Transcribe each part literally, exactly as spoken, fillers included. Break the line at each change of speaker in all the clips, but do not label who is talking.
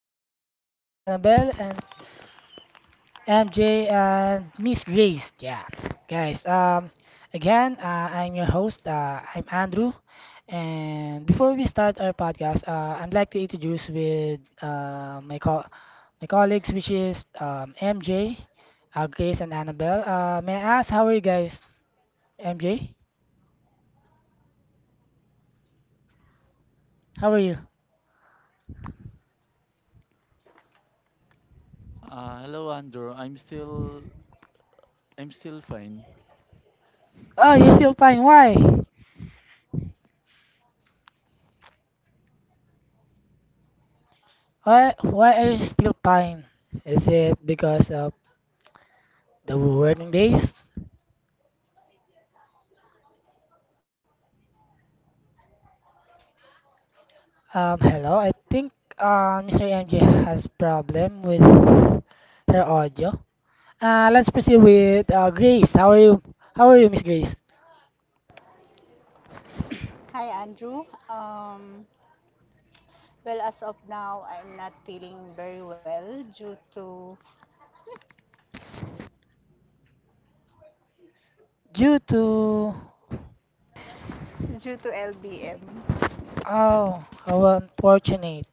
I'm here with Annabelle and M J and Miss Grace. Yeah, guys. Um, again, uh, I'm your host. Uh, I'm Andrew, and before we start our podcast, uh, I'd like to introduce with uh, my co my colleagues, which is um, M J, uh, Grace, and Annabelle. Uh, may I ask how are you guys? M J, how are you?
Uh, hello Andrew, I'm still I'm still fine.
Oh, you're still fine. Why? Why, why are you still pine? Is it because of the working days? Um, hello. I think uh, Mister M J has problem with her audio. Uh, let's proceed with uh, Grace. How are you? How are you, Miss Grace?
Hi, Andrew. Um, well, as of now, I'm not feeling very well due to
Due to
due to L B M.
oh, how unfortunate.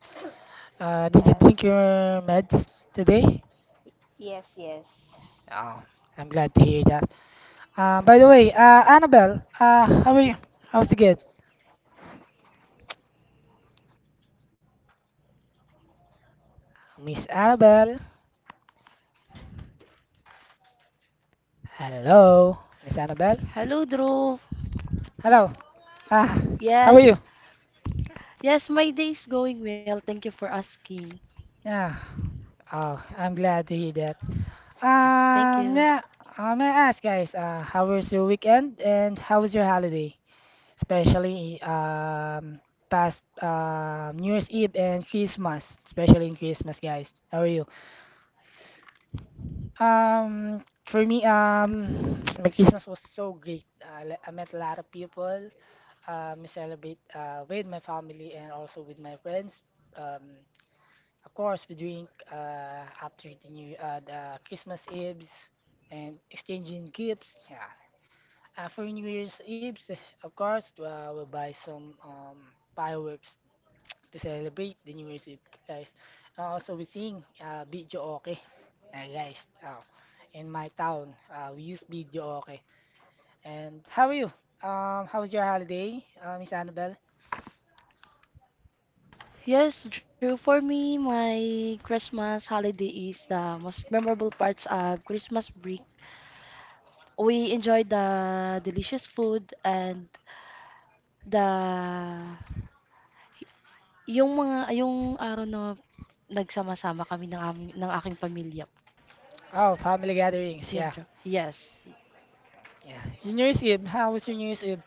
Uh, did you
Yes,
drink your meds today?
yes, yes.
Oh, I'm glad to hear that. Uh, by the way, uh, Annabelle, uh, how are you? How's the kid? Miss Annabelle. Hello, Miss Annabelle.
Hello, Drew.
Hello. Ah, how are you?
Yes, yes, my day is going well. Thank you for asking.
Yeah. Oh, I'm glad to hear that.
Yes, thank
Um,
you.
yeah. Uh, may I ask, guys, uh, how was your weekend and how was your holiday, especially um past uh, New Year's Eve and Christmas, especially in Christmas, guys. How are you? Um, for me, um, my Christmas was so great. I, le- I met a lot of people. Um, celebrate uh, with my family and also with my friends. Um, of course, we drink uh, after the new uh, the Christmas Eve and exchanging gifts. Yeah. Uh, for New Year's Eve, eh, of course, uh, we'll buy some um, fireworks to celebrate the New Year's Eve, guys. Uh, also, we sing uh, video okay, uh, guys. Uh, in my town, uh, we use video okay. And how are you? Um, how was your holiday, uh, Miss Annabelle?
Yes, Drew, for me, my Christmas holiday is the most memorable parts of Christmas break. We enjoy the delicious food and the yung mga yung araw na nagsama-sama kami ng aming, ng aking pamilya.
Oh, family gatherings. Yeah.
Yan, Drew. Yes.
Yeah. Your New Year's Eve. How was your New Year's Eve?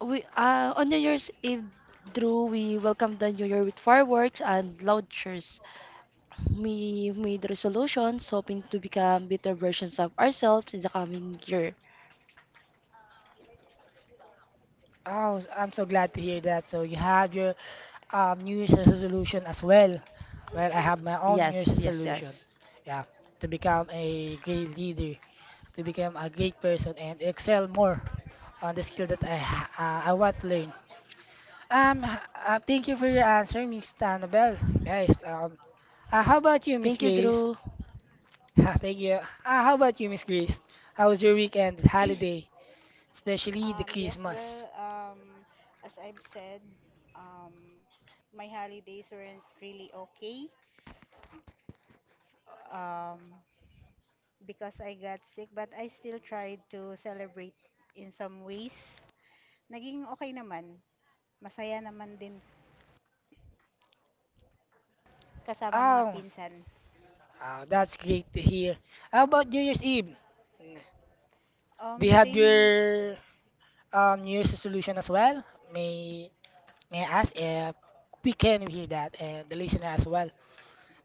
We uh, on New Year's Eve, Drew, we welcome the New Year with fireworks and loud cheers. We made resolutions hoping to become better versions of ourselves in the coming year.
Oh, s- I'm so glad to hear that. So you have your um, New Year's resolution as well. Well, I have my own New Year's
Yes, yes,
resolution.
yes.
Yeah. To become a great leader, to become a great person, and excel more on the skill that I ha- uh, I want to learn. Um, h- uh, thank you for your answer, Miss Annabelle. Guys, um, uh, how about you, Miss
Thank you,
Grace?
Drew.
thank you. Uh, how about you, Miss Grace? How was your weekend, holiday? Especially the
Um, yes.
Christmas.
Well, um, as I've said, um, my holidays weren't really okay. Um, because I got sick, but I still tried to celebrate in some ways. Naging okay naman. Masaya naman din kasama mga
Oh,
pinsan.
oh, that's great to hear. How about New Year's Eve? Mm, do
Um,
you have
same
your um, New Year's resolution as well? May May I ask if we can hear that and the listener as well?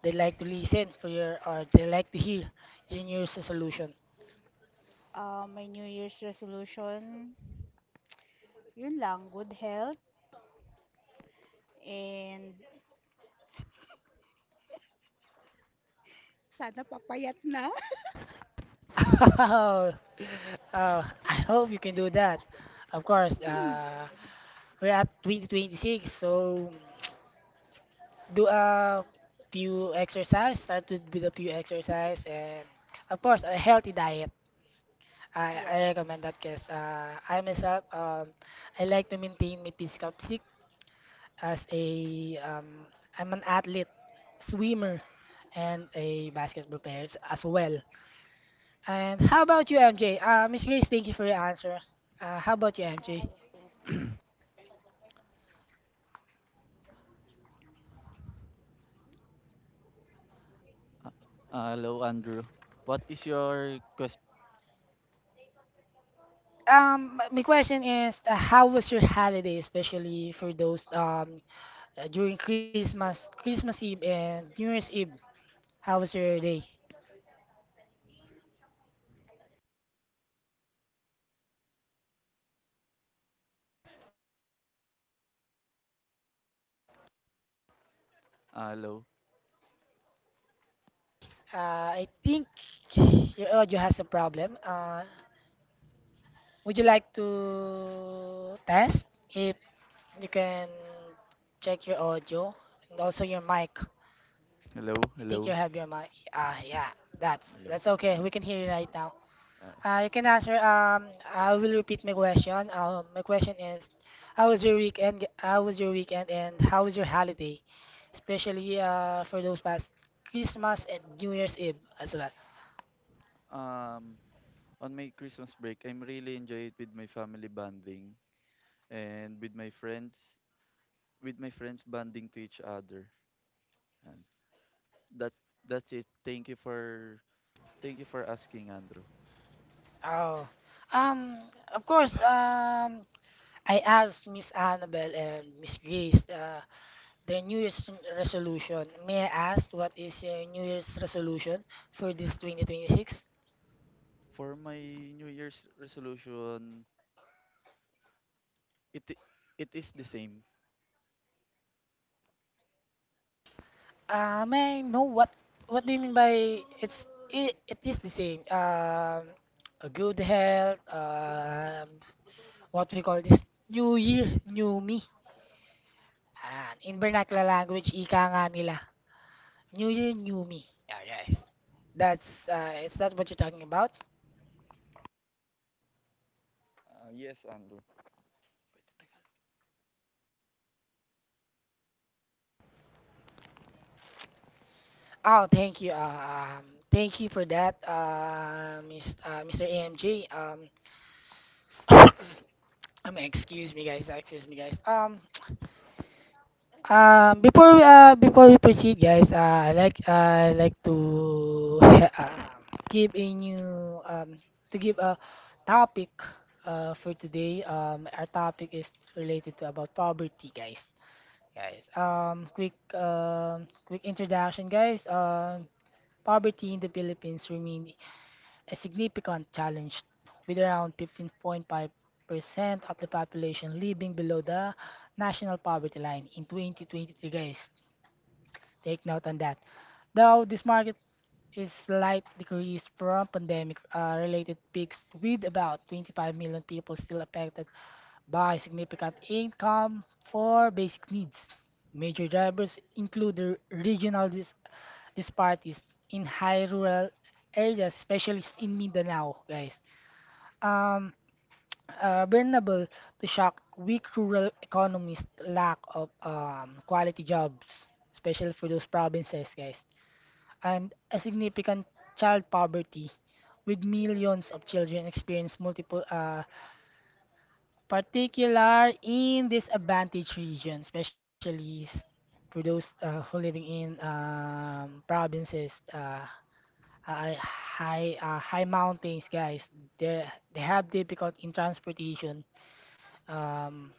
They like to listen for your or they like to hear your New Year's resolution.
Uh, my New Year's resolution, yun lang, good health and sana papayat na.
Oh, I hope you can do that. Of course, uh, we're at twenty twenty-six, so do a few exercise. Start with, with a few exercise and of course a healthy diet. I, I recommend
Yes.
that because uh, I myself um, I like to maintain my physical physique as a um, I'm an athlete, swimmer, and a basketball player s- as well. And how about you, M J? Uh, Miss Grace, thank you for your answer. Uh, how about you, M J?
Okay, yes, thank you.
Uh, uh, Hello Andrew, what is your question?
Um, my my question is, uh, how was your holiday, especially for those um Uh, during Christmas, Christmas Eve and New Year's Eve. How was your day?
Uh,
Uh,
hello,
hello, Miss M J. Uh, I think your audio has a problem. Uh, would you like to test if you can check your audio and also your mic?
hello,
I think you
hello,
have your mic. Ah, yeah, that's
hello.
that's
Yeah.
okay.
and-
We can hear you right now.
uh,
Uh, you can answer. Um, I will repeat my question. Um, my question is, how was your weekend? How was your weekend, and how was your holiday, especially uh, for those past Christmas and New Year's Eve as well.
um, on my Christmas break, I'm really enjoy it with my family bonding and with my friends, with my friends bonding to each other. And that that's it. Thank you for thank you for asking Andrew.
Oh, um, of course. Um, I asked Miss Annabelle and Miss Grace uh, their New Year's resolution. May I ask what is your New Year's resolution for this two thousand twenty-six?
For my New Year's resolution, it i- it is the same.
Uh, may I know what what do you mean by it's it, it is the same. Um, a good health. Um, what we call this New Year, new me. And in vernacular language, ika nga nila. New Year, new me. Yeah, yeah. That's uh, Is that what you're talking about?
Uh, yes Andrew.
Oh, thank you. Uh, Um, thank you for that, uh, Miss, uh, Mister A M J. Um, um, excuse me, guys. Excuse me, guys. Um, Um, before uh, before we proceed, guys, uh, I like I like to uh, give a new um, to give a topic uh, for today. Um, our topic is related to about poverty, guys. Guys, um, quick um, quick introduction, guys. Um, poverty in the Philippines remains a significant challenge, with around fifteen point five percent of the population living below the national poverty line in twenty twenty-three, guys. Take note on that. Though this market is slight decrease from pandemic uh, related peaks with about twenty-five million people still affected by significant income for basic needs. Major drivers include the regional dis- disparities in high rural areas, especially in Mindanao, guys. Um, uh, Vulnerable to shock, weak rural economies, lack of um, quality jobs, especially for those provinces, guys and a significant child poverty, with millions of children experience multiple, uh, particular in disadvantaged regions, especially s- for those uh, who living in um, provinces, uh, hi- high uh, high mountains, guys. They they have difficulty in transportation. Um,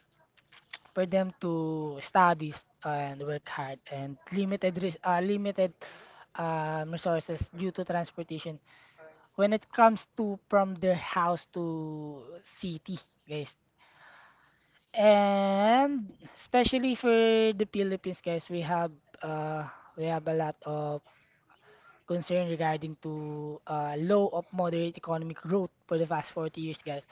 for them to studies and work hard and limited res- uh, limited um, resources due to transportation when it comes to from their house to city, guys. And especially for the Philippines, guys, we have uh, we have a lot of concern regarding to uh, low of moderate economic growth for the past forty years, guys.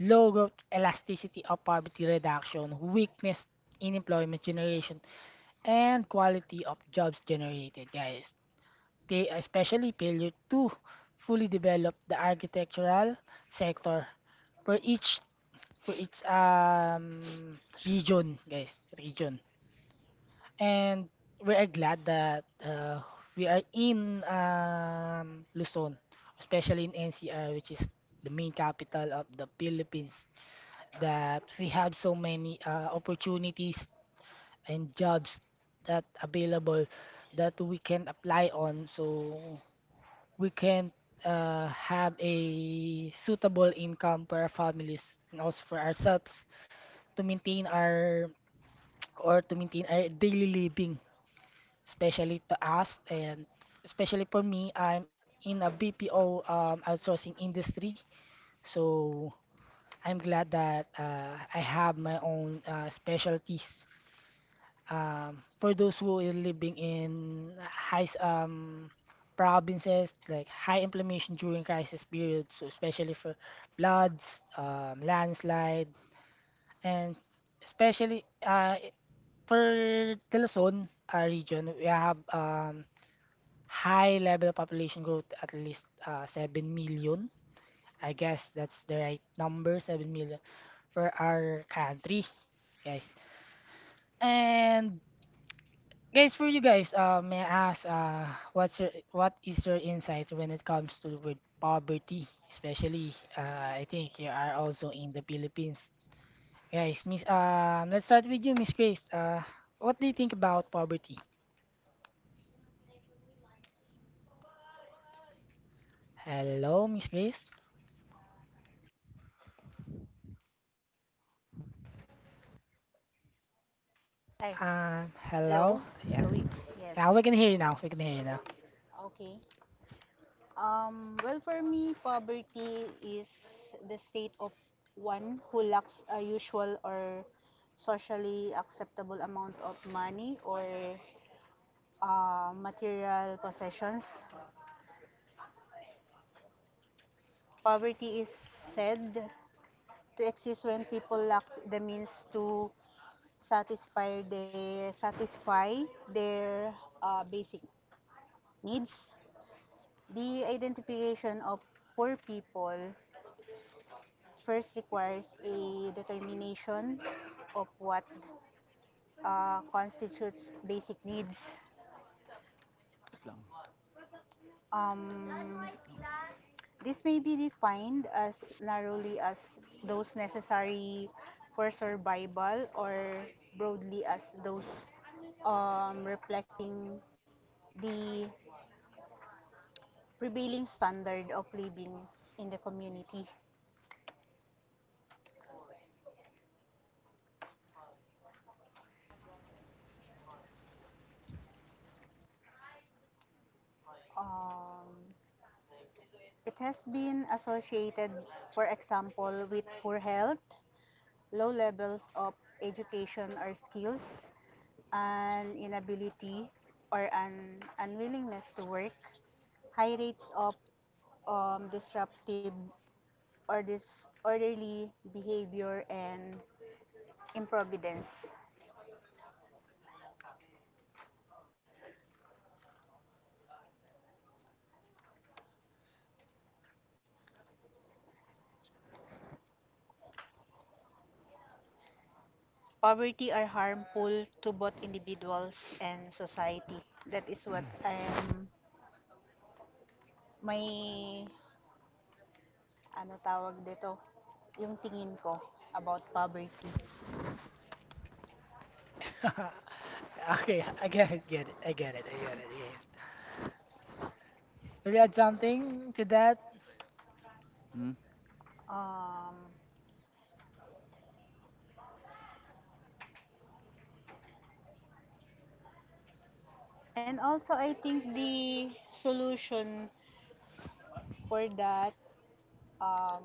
Low growth elasticity of poverty reduction, weakness in employment generation, and quality of jobs generated, guys. They especially failed to fully develop the architectural sector for each for each um region, guys, region. And we are glad that uh, we are in um, Luzon, especially in N C R, which is the main capital of the Philippines, that we have so many uh, opportunities and jobs that available that we can apply on. So we can't uh, have a suitable income for our families and also for ourselves to maintain our or to maintain our daily living, especially to us and especially for me, I'm in a B P O um, outsourcing industry, so I'm glad that uh, I have my own uh, specialties um, for those who are living in high s- um, provinces, like high inflammation during crisis periods, so especially for floods, um, landslide, and especially uh, for the Luzon uh, region, we have um, high level of population growth, at least uh, seven million. I guess that's the right number, seven million for our country, guys. And guys, for you guys, uh, may I ask, uh, what's your, what is your insight when it comes to the word poverty? Especially, uh, I think you are also in the Philippines. Guys, Miss, um, let's start with you, Miss Grace. Uh, what do you think about poverty? Hello, Miss Grace.
Ay,
Um,
hello?
hello. Yeah,
Hello? y- Yes.
yeah, we can hear you now. We can hear you now.
Okay. Um, well, for me, poverty is the state of one who lacks a usual or socially acceptable amount of money or uh, material possessions. Poverty is said to exist when people lack the means to satisfy their satisfy their uh, basic needs. The identification of poor people first requires a determination of what uh, constitutes basic needs.
Wait lang.
Um,
Wait lang.
this may be defined as narrowly as those necessary for survival or broadly as those um, reflecting the prevailing standard of living in the community. Um, it has been associated, for example, with poor health, low levels of education or skills, an inability or an unwillingness to work, high rates of um, disruptive or disorderly behavior and improvidence. Poverty are harmful to both individuals and society. That is what I'm, my, ano tawag dito, yung tingin ko about poverty.
Okay, I get it, get it, I get it, I get it, I get it. Will you add something to that?
Hmm,
Um, and also, I think the solution for that, um,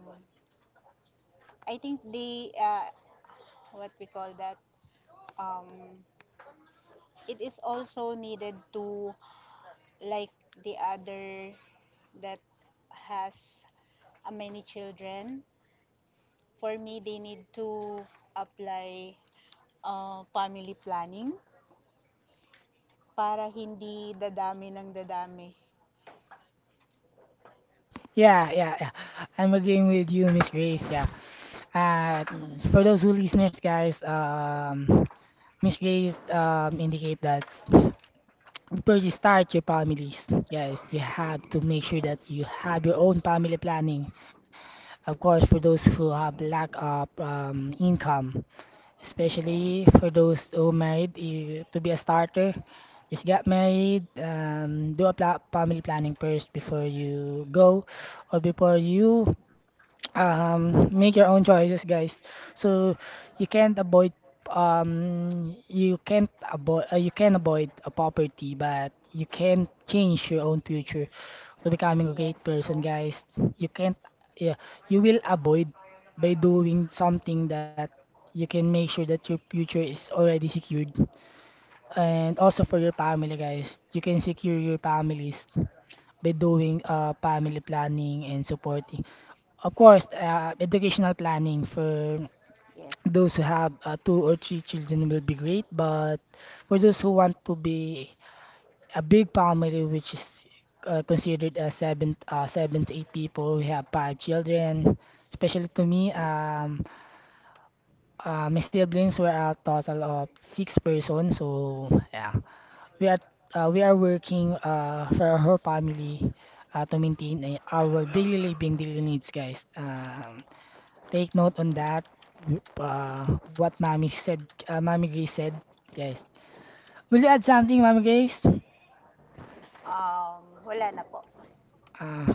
I think the, uh, what we call that, um, it is also needed to, like the other that has uh, many children, for me, they need to apply uh, family planning para hindi dadami ng dadami.
Yeah, yeah, yeah. I'm agreeing with you, Miss Grace. Yeah. Uh,
Yes.
for those who listeners, guys, um, Miss Grace um, indicate that before you start your families, guys, you have to make sure that you
Yes.
have your own family planning. Of course, for those who have lack of um, income, especially
Yes.
for those who married, eh, to be a starter, just get married, um, do a pla family planning first before you go or before you um, make your own choices, guys. So you can't avoid um you can't avoid uh, you can avoid a poverty, but you can't change your own future to becoming a great
Yes,
person,
true.
guys. You can't, yeah, you will avoid by doing something that you can make sure that your future is already secured, and also for
Yes.
your family, guys, you can secure your families by doing uh, family planning and supporting, of course, uh, educational planning for
Yes.
those who have uh, two or three children will be great, but for those who want to be a big family, which is uh, considered as seven uh, seven to eight people, we have five children, especially to me um Uh, My siblings were a total of six persons. So yeah, we are uh, we are working uh, for her family uh, to maintain uh, our daily living daily needs, guys. Um, take note on that. w- Uh, what Mommy said, uh, Mommy Grace said, guys. Will you add something, Mommy Grace?
Um, wala na po.
Uh,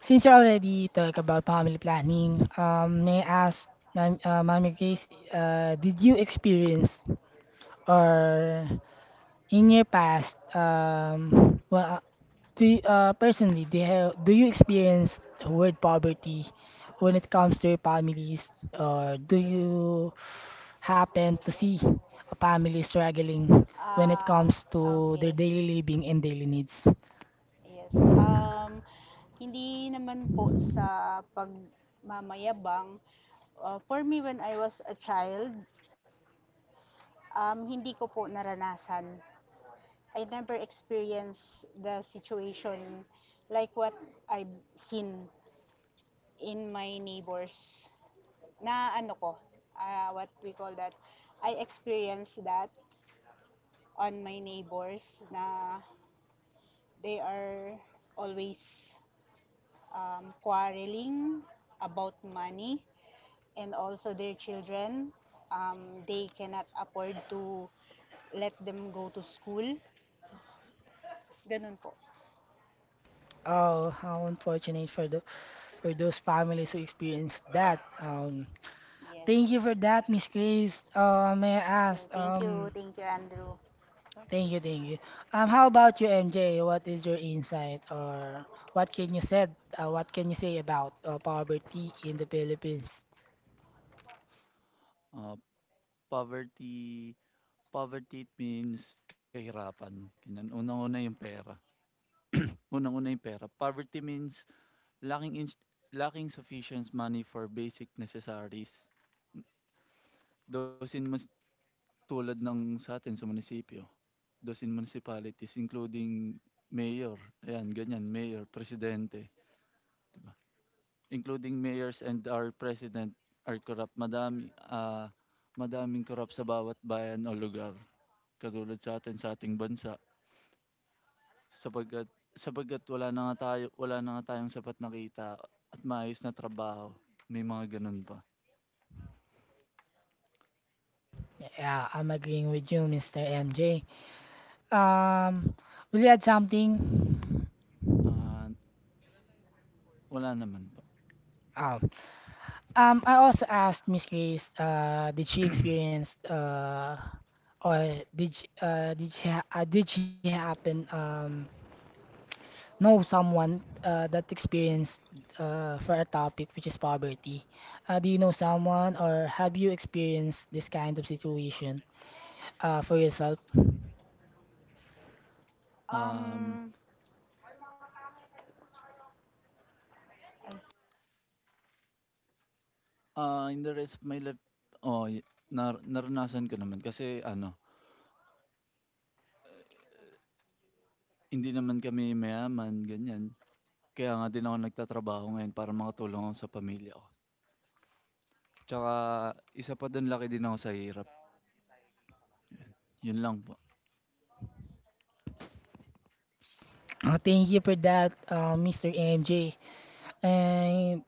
since you already talk about family planning, um, may I ask, Mom, uh, Mommy Grace, uh, did you experience or in your past, um, well, uh, do you, uh, personally, do you, have, do you experience the word poverty when it comes to your families, or do you happen to see a family struggling when it
Ah,
comes
uh,
to their
okay.
daily living and daily needs?
Yes. Um, hindi naman po sa pagmamayabang. Uh, for me, when I was a child, um, hindi ko po naranasan, I never experienced the situation like what I've seen in my neighbors na ano ko, ah, what we call that. I experienced that on my neighbors na they are always um, quarreling about money and also their children. Um, they cannot afford to let them go to school. Ganun po.
Oh, how unfortunate for the for those families who experience that. Um,
Yes.
thank you for that, Miss Grace. Uh, may I
So,
ask,
thank
um,
you. Thank you, Andrew.
Thank you, thank you. Um, how about you, M J? What is your insight, or what can you said? Uh, what can you say about uh, poverty in the Philippines?
ah, poverty poverty it means kahirapan, ganyan. Unang-una yung pera. Unang-una yung pera. Poverty means lacking in lacking sufficient money for basic necessaries. Those in mus tulad ng sa atin sa munisipyo, those in municipalities including mayor, ayan ganyan, mayor, presidente, 'di ba? Including mayors and our president are corrupt. Madami, ah, madaming corrupt sa bawat bayan o lugar. Katulad sa'tin, sa ating bansa sapagkat sapagkat wala na nga tayo wala na nga tayong sapat na kita at maayos na trabaho, may mga gano'n pa.
Yeah, I'm agreeing with you, mister M J. Um, will you add something?
Ah, wala naman pa
Oh. Um, I also asked Miss Grace, uh, did she experience, uh, or did she, uh, did she, ha- uh, did she happen, um, know someone uh, that experienced uh, for a topic which is poverty. Uh, do you know someone or have you experienced this kind of situation uh, for yourself?
Um,
Um,
ah, in the rest of my life oh yu nar naranasan ko naman kasi ano, hindi naman kami mayaman, ganyan. Kaya nga din ako nagtatrabaho ngayon para makatulong ako sa pamilya ko. Tsaka isa pa do'n laki din ako sa hirap, 'yun lang po.
Uh, thank you for that, uh, mister M J. And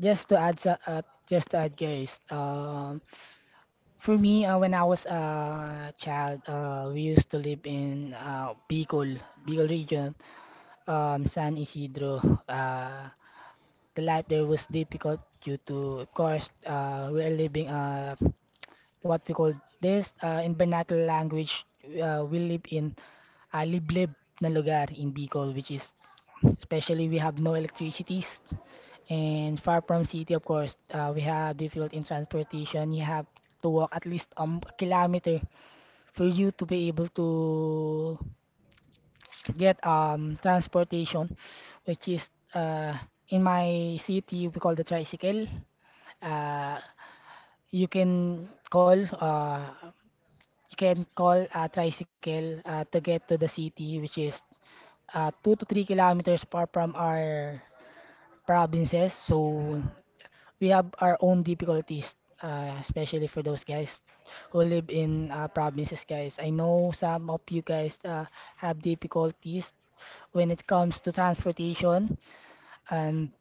just to add, sa- uh, just to add, guys. Um, for me, uh, when I was a child, uh, we used to live in uh, Bicol, Bicol region, um, San Isidro. Uh, the life there was difficult due to, of course, uh, we are living uh, what we call this uh, in vernacular language, uh, we live in a liblib na lugar in Bicol, which is especially we have no electricities and far from city, of course, uh, we have difficult in transportation. You have to walk at least um, a kilometer for you to be able to get um transportation, which is uh in my city we call the tricycle. Uh, you can call uh you can call a tricycle uh, to get to the city, which is uh, two to three kilometers far from our provinces. So we have our own difficulties, uh, especially for those guys who live in uh, provinces, guys. I know some of you guys uh, have difficulties when it comes to transportation. And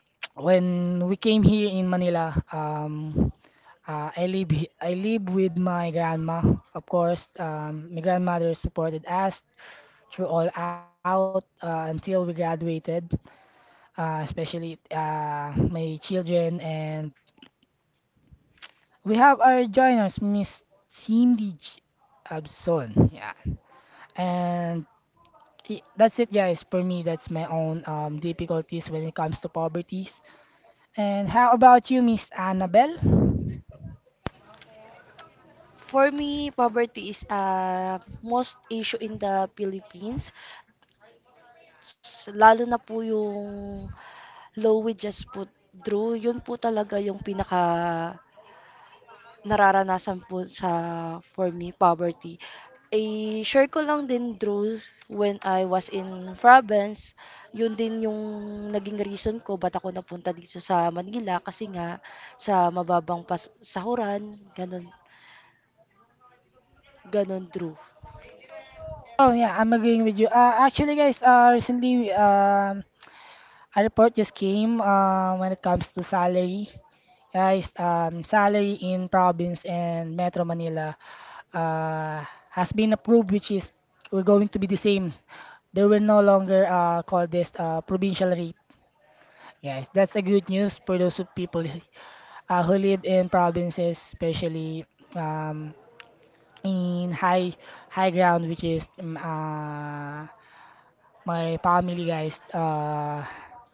when we came here in Manila, um, uh, I live he- I live with my grandma. Of course, um, my grandmother supported us through all out uh, until we graduated, uh, especially uh, my children and we have our joiners, Miss Cindy J- Abson. Yeah. And i- that's it, guys. For me, that's my own um, difficulties when it comes to poverty. And how about you, Miss Annabelle?
For me, poverty is a most issue in the Philippines. S- Lalo na po yung low wages po, Drew. Yun po talaga yung pinaka nararanasan po sa for me, poverty. Eh, share ko lang din, Drew, when I was in province, yun din yung naging reason ko ba't ako napunta dito sa Manila kasi nga sa mababang pas sahuran, ganun, ganun, Drew.
Oh yeah, I'm agreeing with you. Uh, actually, guys, uh, recently, um, a report just came uh, when it comes to salary. Guys, um, salary in province and Metro Manila uh, has been approved, which is we're going to be the same. They will no longer uh, call this uh, provincial rate. Yes, that's a good news for those who- people uh, who live in provinces, especially um, in high high ground, which is um, uh, my family, guys, uh,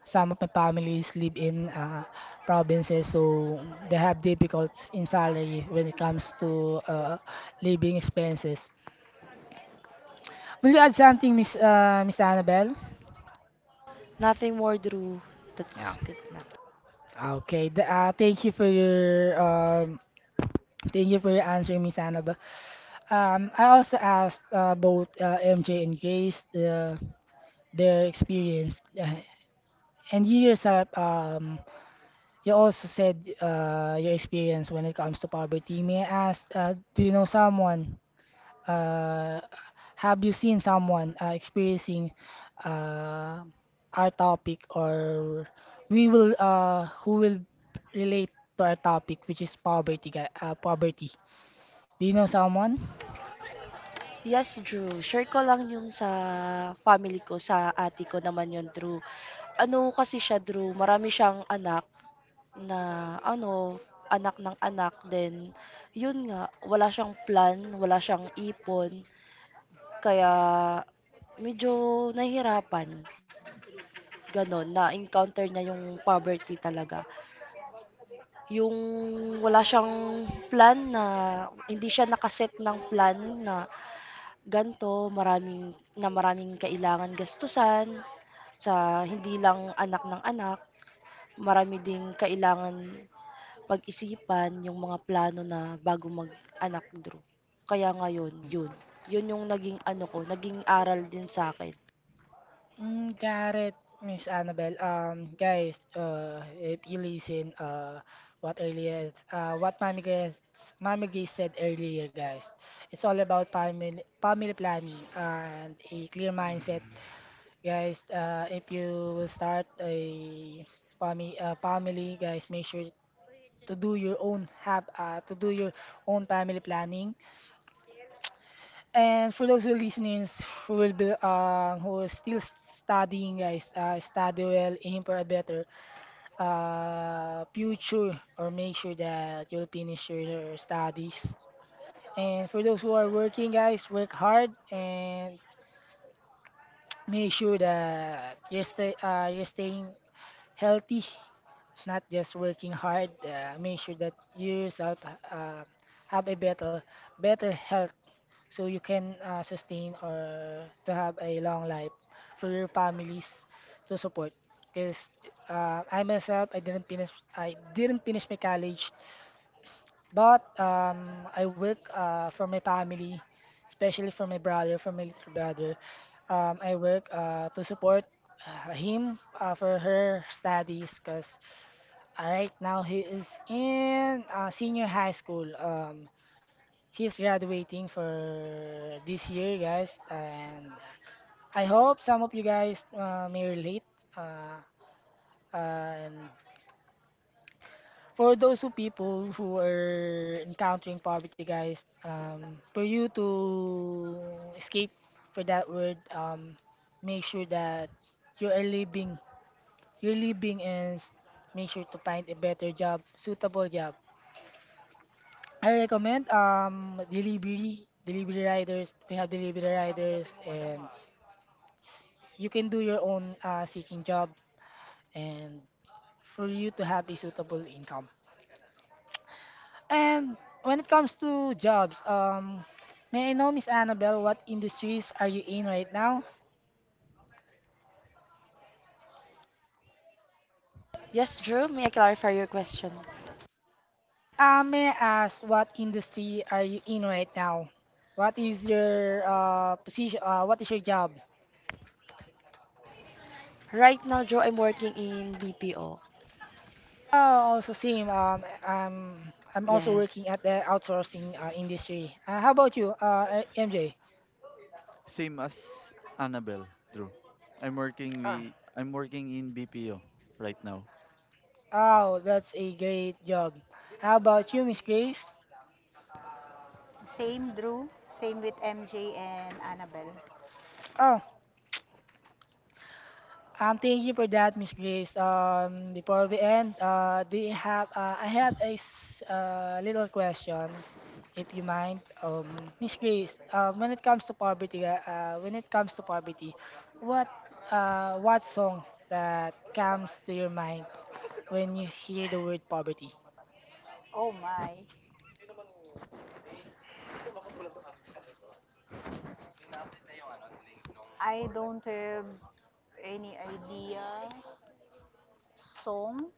some of my families live in uh, provinces, so they have difficulties in salary when it comes to uh, living expenses. Will you add something, Miss uh, Miss Annabelle?
Nothing more, Drew.
Yeah.
That's good na.
Okay. The, uh, thank you for your um, thank you for your answer, Miss Annabelle. Um, I also asked uh, both uh, M J and Grace uh, their experience, uh, and you yourself, um, you also said uh, your experience when it comes to poverty. May I ask, uh, do you know someone? Uh, have you seen someone uh, experiencing uh, our topic, or we will uh, who will relate to our topic, which is poverty? Ga- Uh, poverty. Do you know someone?
Yes, Drew. Share ko lang yung sa family ko, sa ate ko naman yun, Drew. Ano kasi siya, Drew, marami siyang anak, na ano, anak ng anak din. Yun nga, wala siyang plan, wala siyang ipon, kaya medyo nahihirapan. Ganon, na-encounter niya yung poverty talaga. Yung wala siyang plan na, hindi siya nakaset ng plan na ganto, maraming, na maraming kailangan gastusan sa hindi lang anak ng anak, marami ding kailangan pag-isipan yung mga plano na bago mag-anak, Drew. Kaya ngayon, yun. Yun yung naging ano ko, naging aral din sa akin.
Mm, got it, Miss Annabelle, um, guys, uh, if you listen, uh, what earlier, uh, what Mami Grace, Mami Grace said earlier, guys, it's all about family, family planning and a clear mindset, guys. Uh, if you will start a family, uh, family, guys, make sure to do your own have, uh, to do your own family planning. And for those who listening who will be um who are still studying guys, uh, study well, aim for a better uh future or make sure that you'll finish your, your studies. And for those who are working guys, work hard and make sure that you're stay uh, you're staying healthy, not just working hard. Uh, make sure that you yourself uh, have a better better health so you can uh, sustain or to have a long life for your families to support because uh, I myself I didn't finish I didn't finish my college but um, I work uh, for my family especially for my brother for my little brother, um, I work uh, to support uh, him uh, for her studies because right now he is in uh, senior high school. um, She's graduating for this year, guys, and I hope some of you guys uh, may relate. Uh, and for those who people who are encountering poverty, guys, um, for you to escape for that word, um, make sure that you are living, you're living, and s- make sure to find a better job, suitable job. I recommend um delivery delivery riders. We have delivery riders and you can do your own uh, seeking job and for you to have a suitable income. And when it comes to jobs, um, may I know, Miss Annabelle, what industries are you in right now?
Yes, Drew, may I clarify your question?
Uh, may I ask what industry are you in right now? What is your uh, position? Uh, what is your job?
Right now, Drew, I'm working in B P O.
Oh, also same. Um, I'm I'm also working
Yes.
at the outsourcing uh, industry. Uh, how about you, uh, M J?
Same as Annabel, Drew. I'm working we I'm working in B P O right now.
Oh, that's a great job. How about you, Miss Grace?
same Drew, same with M J and Annabelle.
Oh, um, thank you for that, Miss Grace. Um, before we end, uh, do you have? Uh, I have a s- uh, little question, if you mind. Um, Miss Grace, uh, when it comes to poverty, uh, uh, when it comes to poverty, what, uh, what song that comes to your mind when you hear the word poverty?
Oh my, I don't have any idea. Song,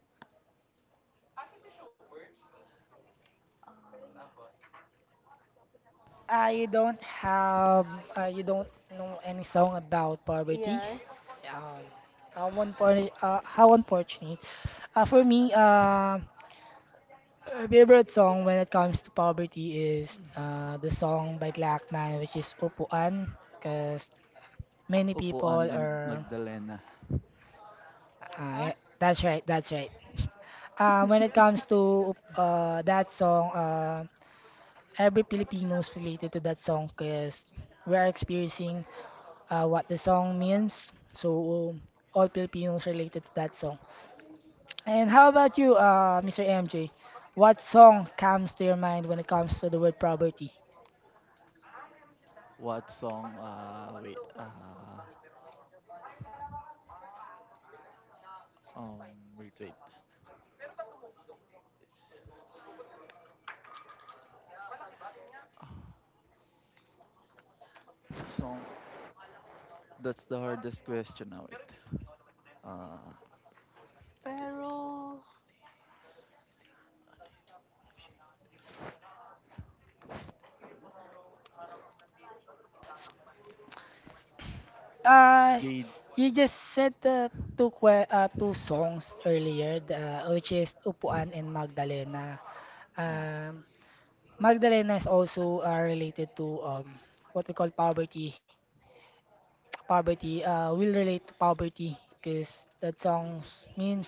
I don't have, uh, you don't know any song about poverties.
yes.
Um, how unfor uh, how unfortunate. Uh, for me, uh, a favorite song when it comes to poverty is uh, the song by Glock nine, which is Upuan, because many people
Upuan and
are.
Magdalena.
Uh, yeah,
Ah,
that's right, that's right. Uh, when it comes to uh, that song, uh, every Filipino is related to that song because we are experiencing uh, what the song means. So all Filipinos related to that song. And how about you, uh, mister M J? What song comes to your mind when it comes to the word poverty?
What song uh wait uh um wait wait. S- Song, that's the hardest question now wait. Uh
pero
Uh,
Jade
you just said the two que- uh, two songs earlier, the, uh, which is Upuan and Magdalena.
eh,
Um, Magdalena is also uh, related to um, what we call poverty. Poverty uh, will relate to Poverty because that song means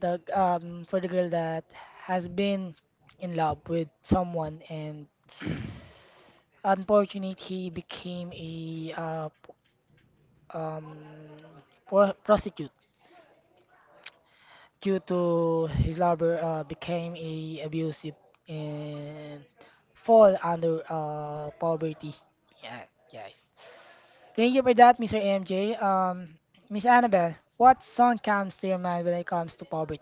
the um for the girl that has been in love with someone and unfortunately he became a uh, p- um pro- prostitute due to his lover uh, became a abusive and fall under uh poverty. Yeah, guys. Thank you for that, mister M J. Um, Miss Annabelle, what song comes to your mind when it comes to poverty?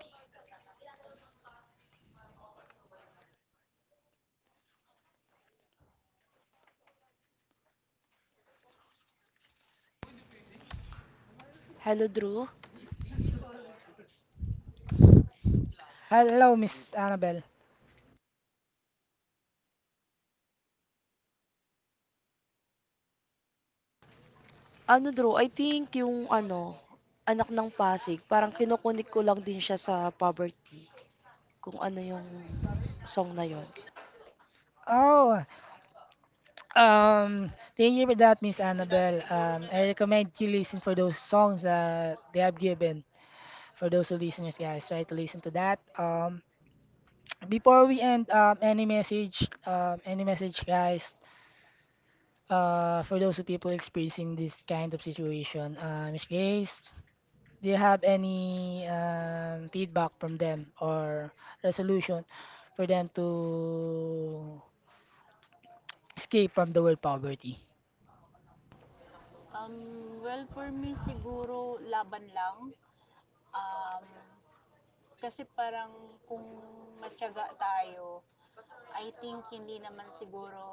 Hello, Drew.
Hello, Miss
hindi pa.
Annabelle.
Ano, Drew, I think yung ano, anak ng Pasig, parang kinukunik ko lang din siya sa poverty. Kung ano yung song na yon.
Oh, Um, thank you for that, Miss Annabelle. Um, I recommend you listen for those songs that they have given for those who listeners, guys. Try to listen to that. Um, before we end, um, any message, um, any message, guys, uh, for those who people experiencing this kind of situation. Uh, Miss Grace, do you have any um, feedback from them or resolution for them to escape from the word poverty?
um, well for me siguro laban lang. Um, kasi parang kung matyaga tayo, I think hindi naman siguro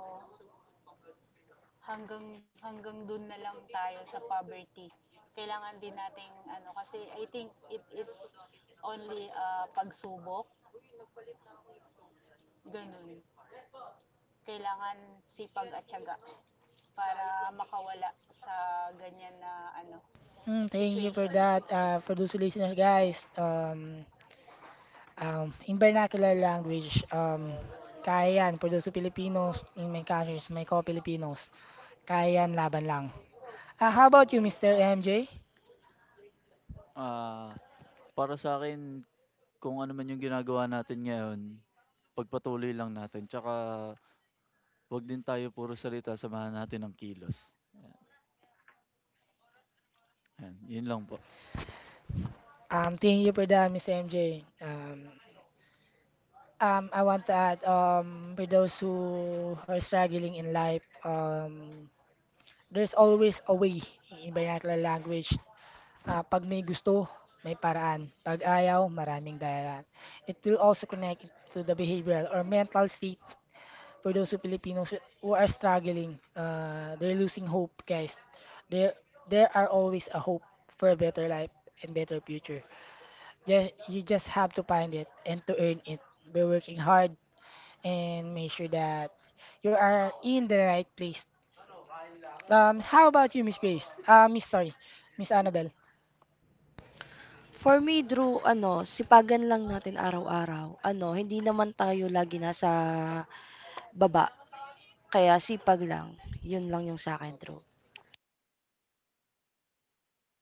hanggang hanggang doon na lang tayo sa poverty. Kailangan din nating ano kasi I think it is only uh, pagsubok, ganun. Kailangan sipag at tiyaga para makawala sa ganyan na ano
Mm, thank you for
situation.
that. Uh, for those listeners,
Yes.
guys, um, um, in vernacular language, um, kaya yan. For those Filipinos in my country, is my co-Filipinos, kaya yan, laban lang. Uh, how about you, mister M J?
Ah para sa akin, kung ano man yung ginagawa natin ngayon, pagpatuloy lang natin. Tsaka 'wag din tayo puro salita, samahan natin ng kilos. Ayan, yun lang po.
Um, thank you for that, mister M J. Um, um, I want to add, um, for those who are struggling in life, um, there's always a way in vernacular language. Ah, 'pag may gusto, may paraan. 'Pag ayaw, maraming dahilan. It will also connect to the behavioral or mental state for those who Filipinos who are struggling. Uh, they're losing hope, guys. There, there are always a hope for a better life and better future. Just, you just have to find it and to earn it by working hard and make sure that you are in the right place. Um, how about you, Miss Grace? Uh, Miss, sorry, Miss Annabelle.
For me, Drew, ano, sipagan lang natin araw-araw. Ano, hindi naman tayo lagi nasa baba. Kaya sipag lang. Yun lang yung sa akin, Drew.
Thank you for that, Mi- Miss Annabelle.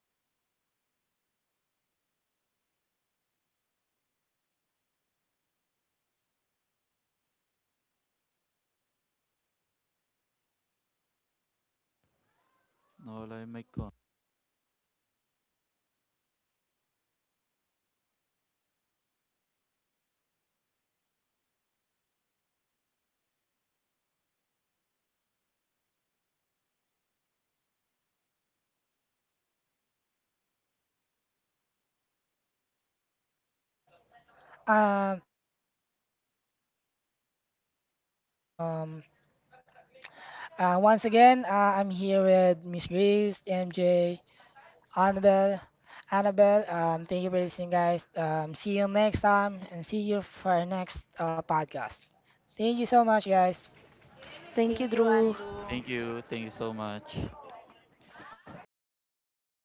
How a wonderful um, recommendation or feedback for, for our listeners. Um, ika nga nila, in vernacular language, um, hindi, ang gulong ay hindi laging
Nawala
pataas.
yung mic ko.
Bababa ka rin. Hello? Um, am I audible in your side, Miss, uh, Miss Grace? Um, uh, for that, uh, Thank you guys for listening. Um, Uh, once again, uh, I'm here with Miss Grace, M J, Annabelle. Annabelle, um, thank you for listening, guys. Um, see you next time and see you for our next uh, podcast. Thank you so much, guys.
Thank
Thank
you,
you,
Drew.
Andrew.
Thank you, thank you so much.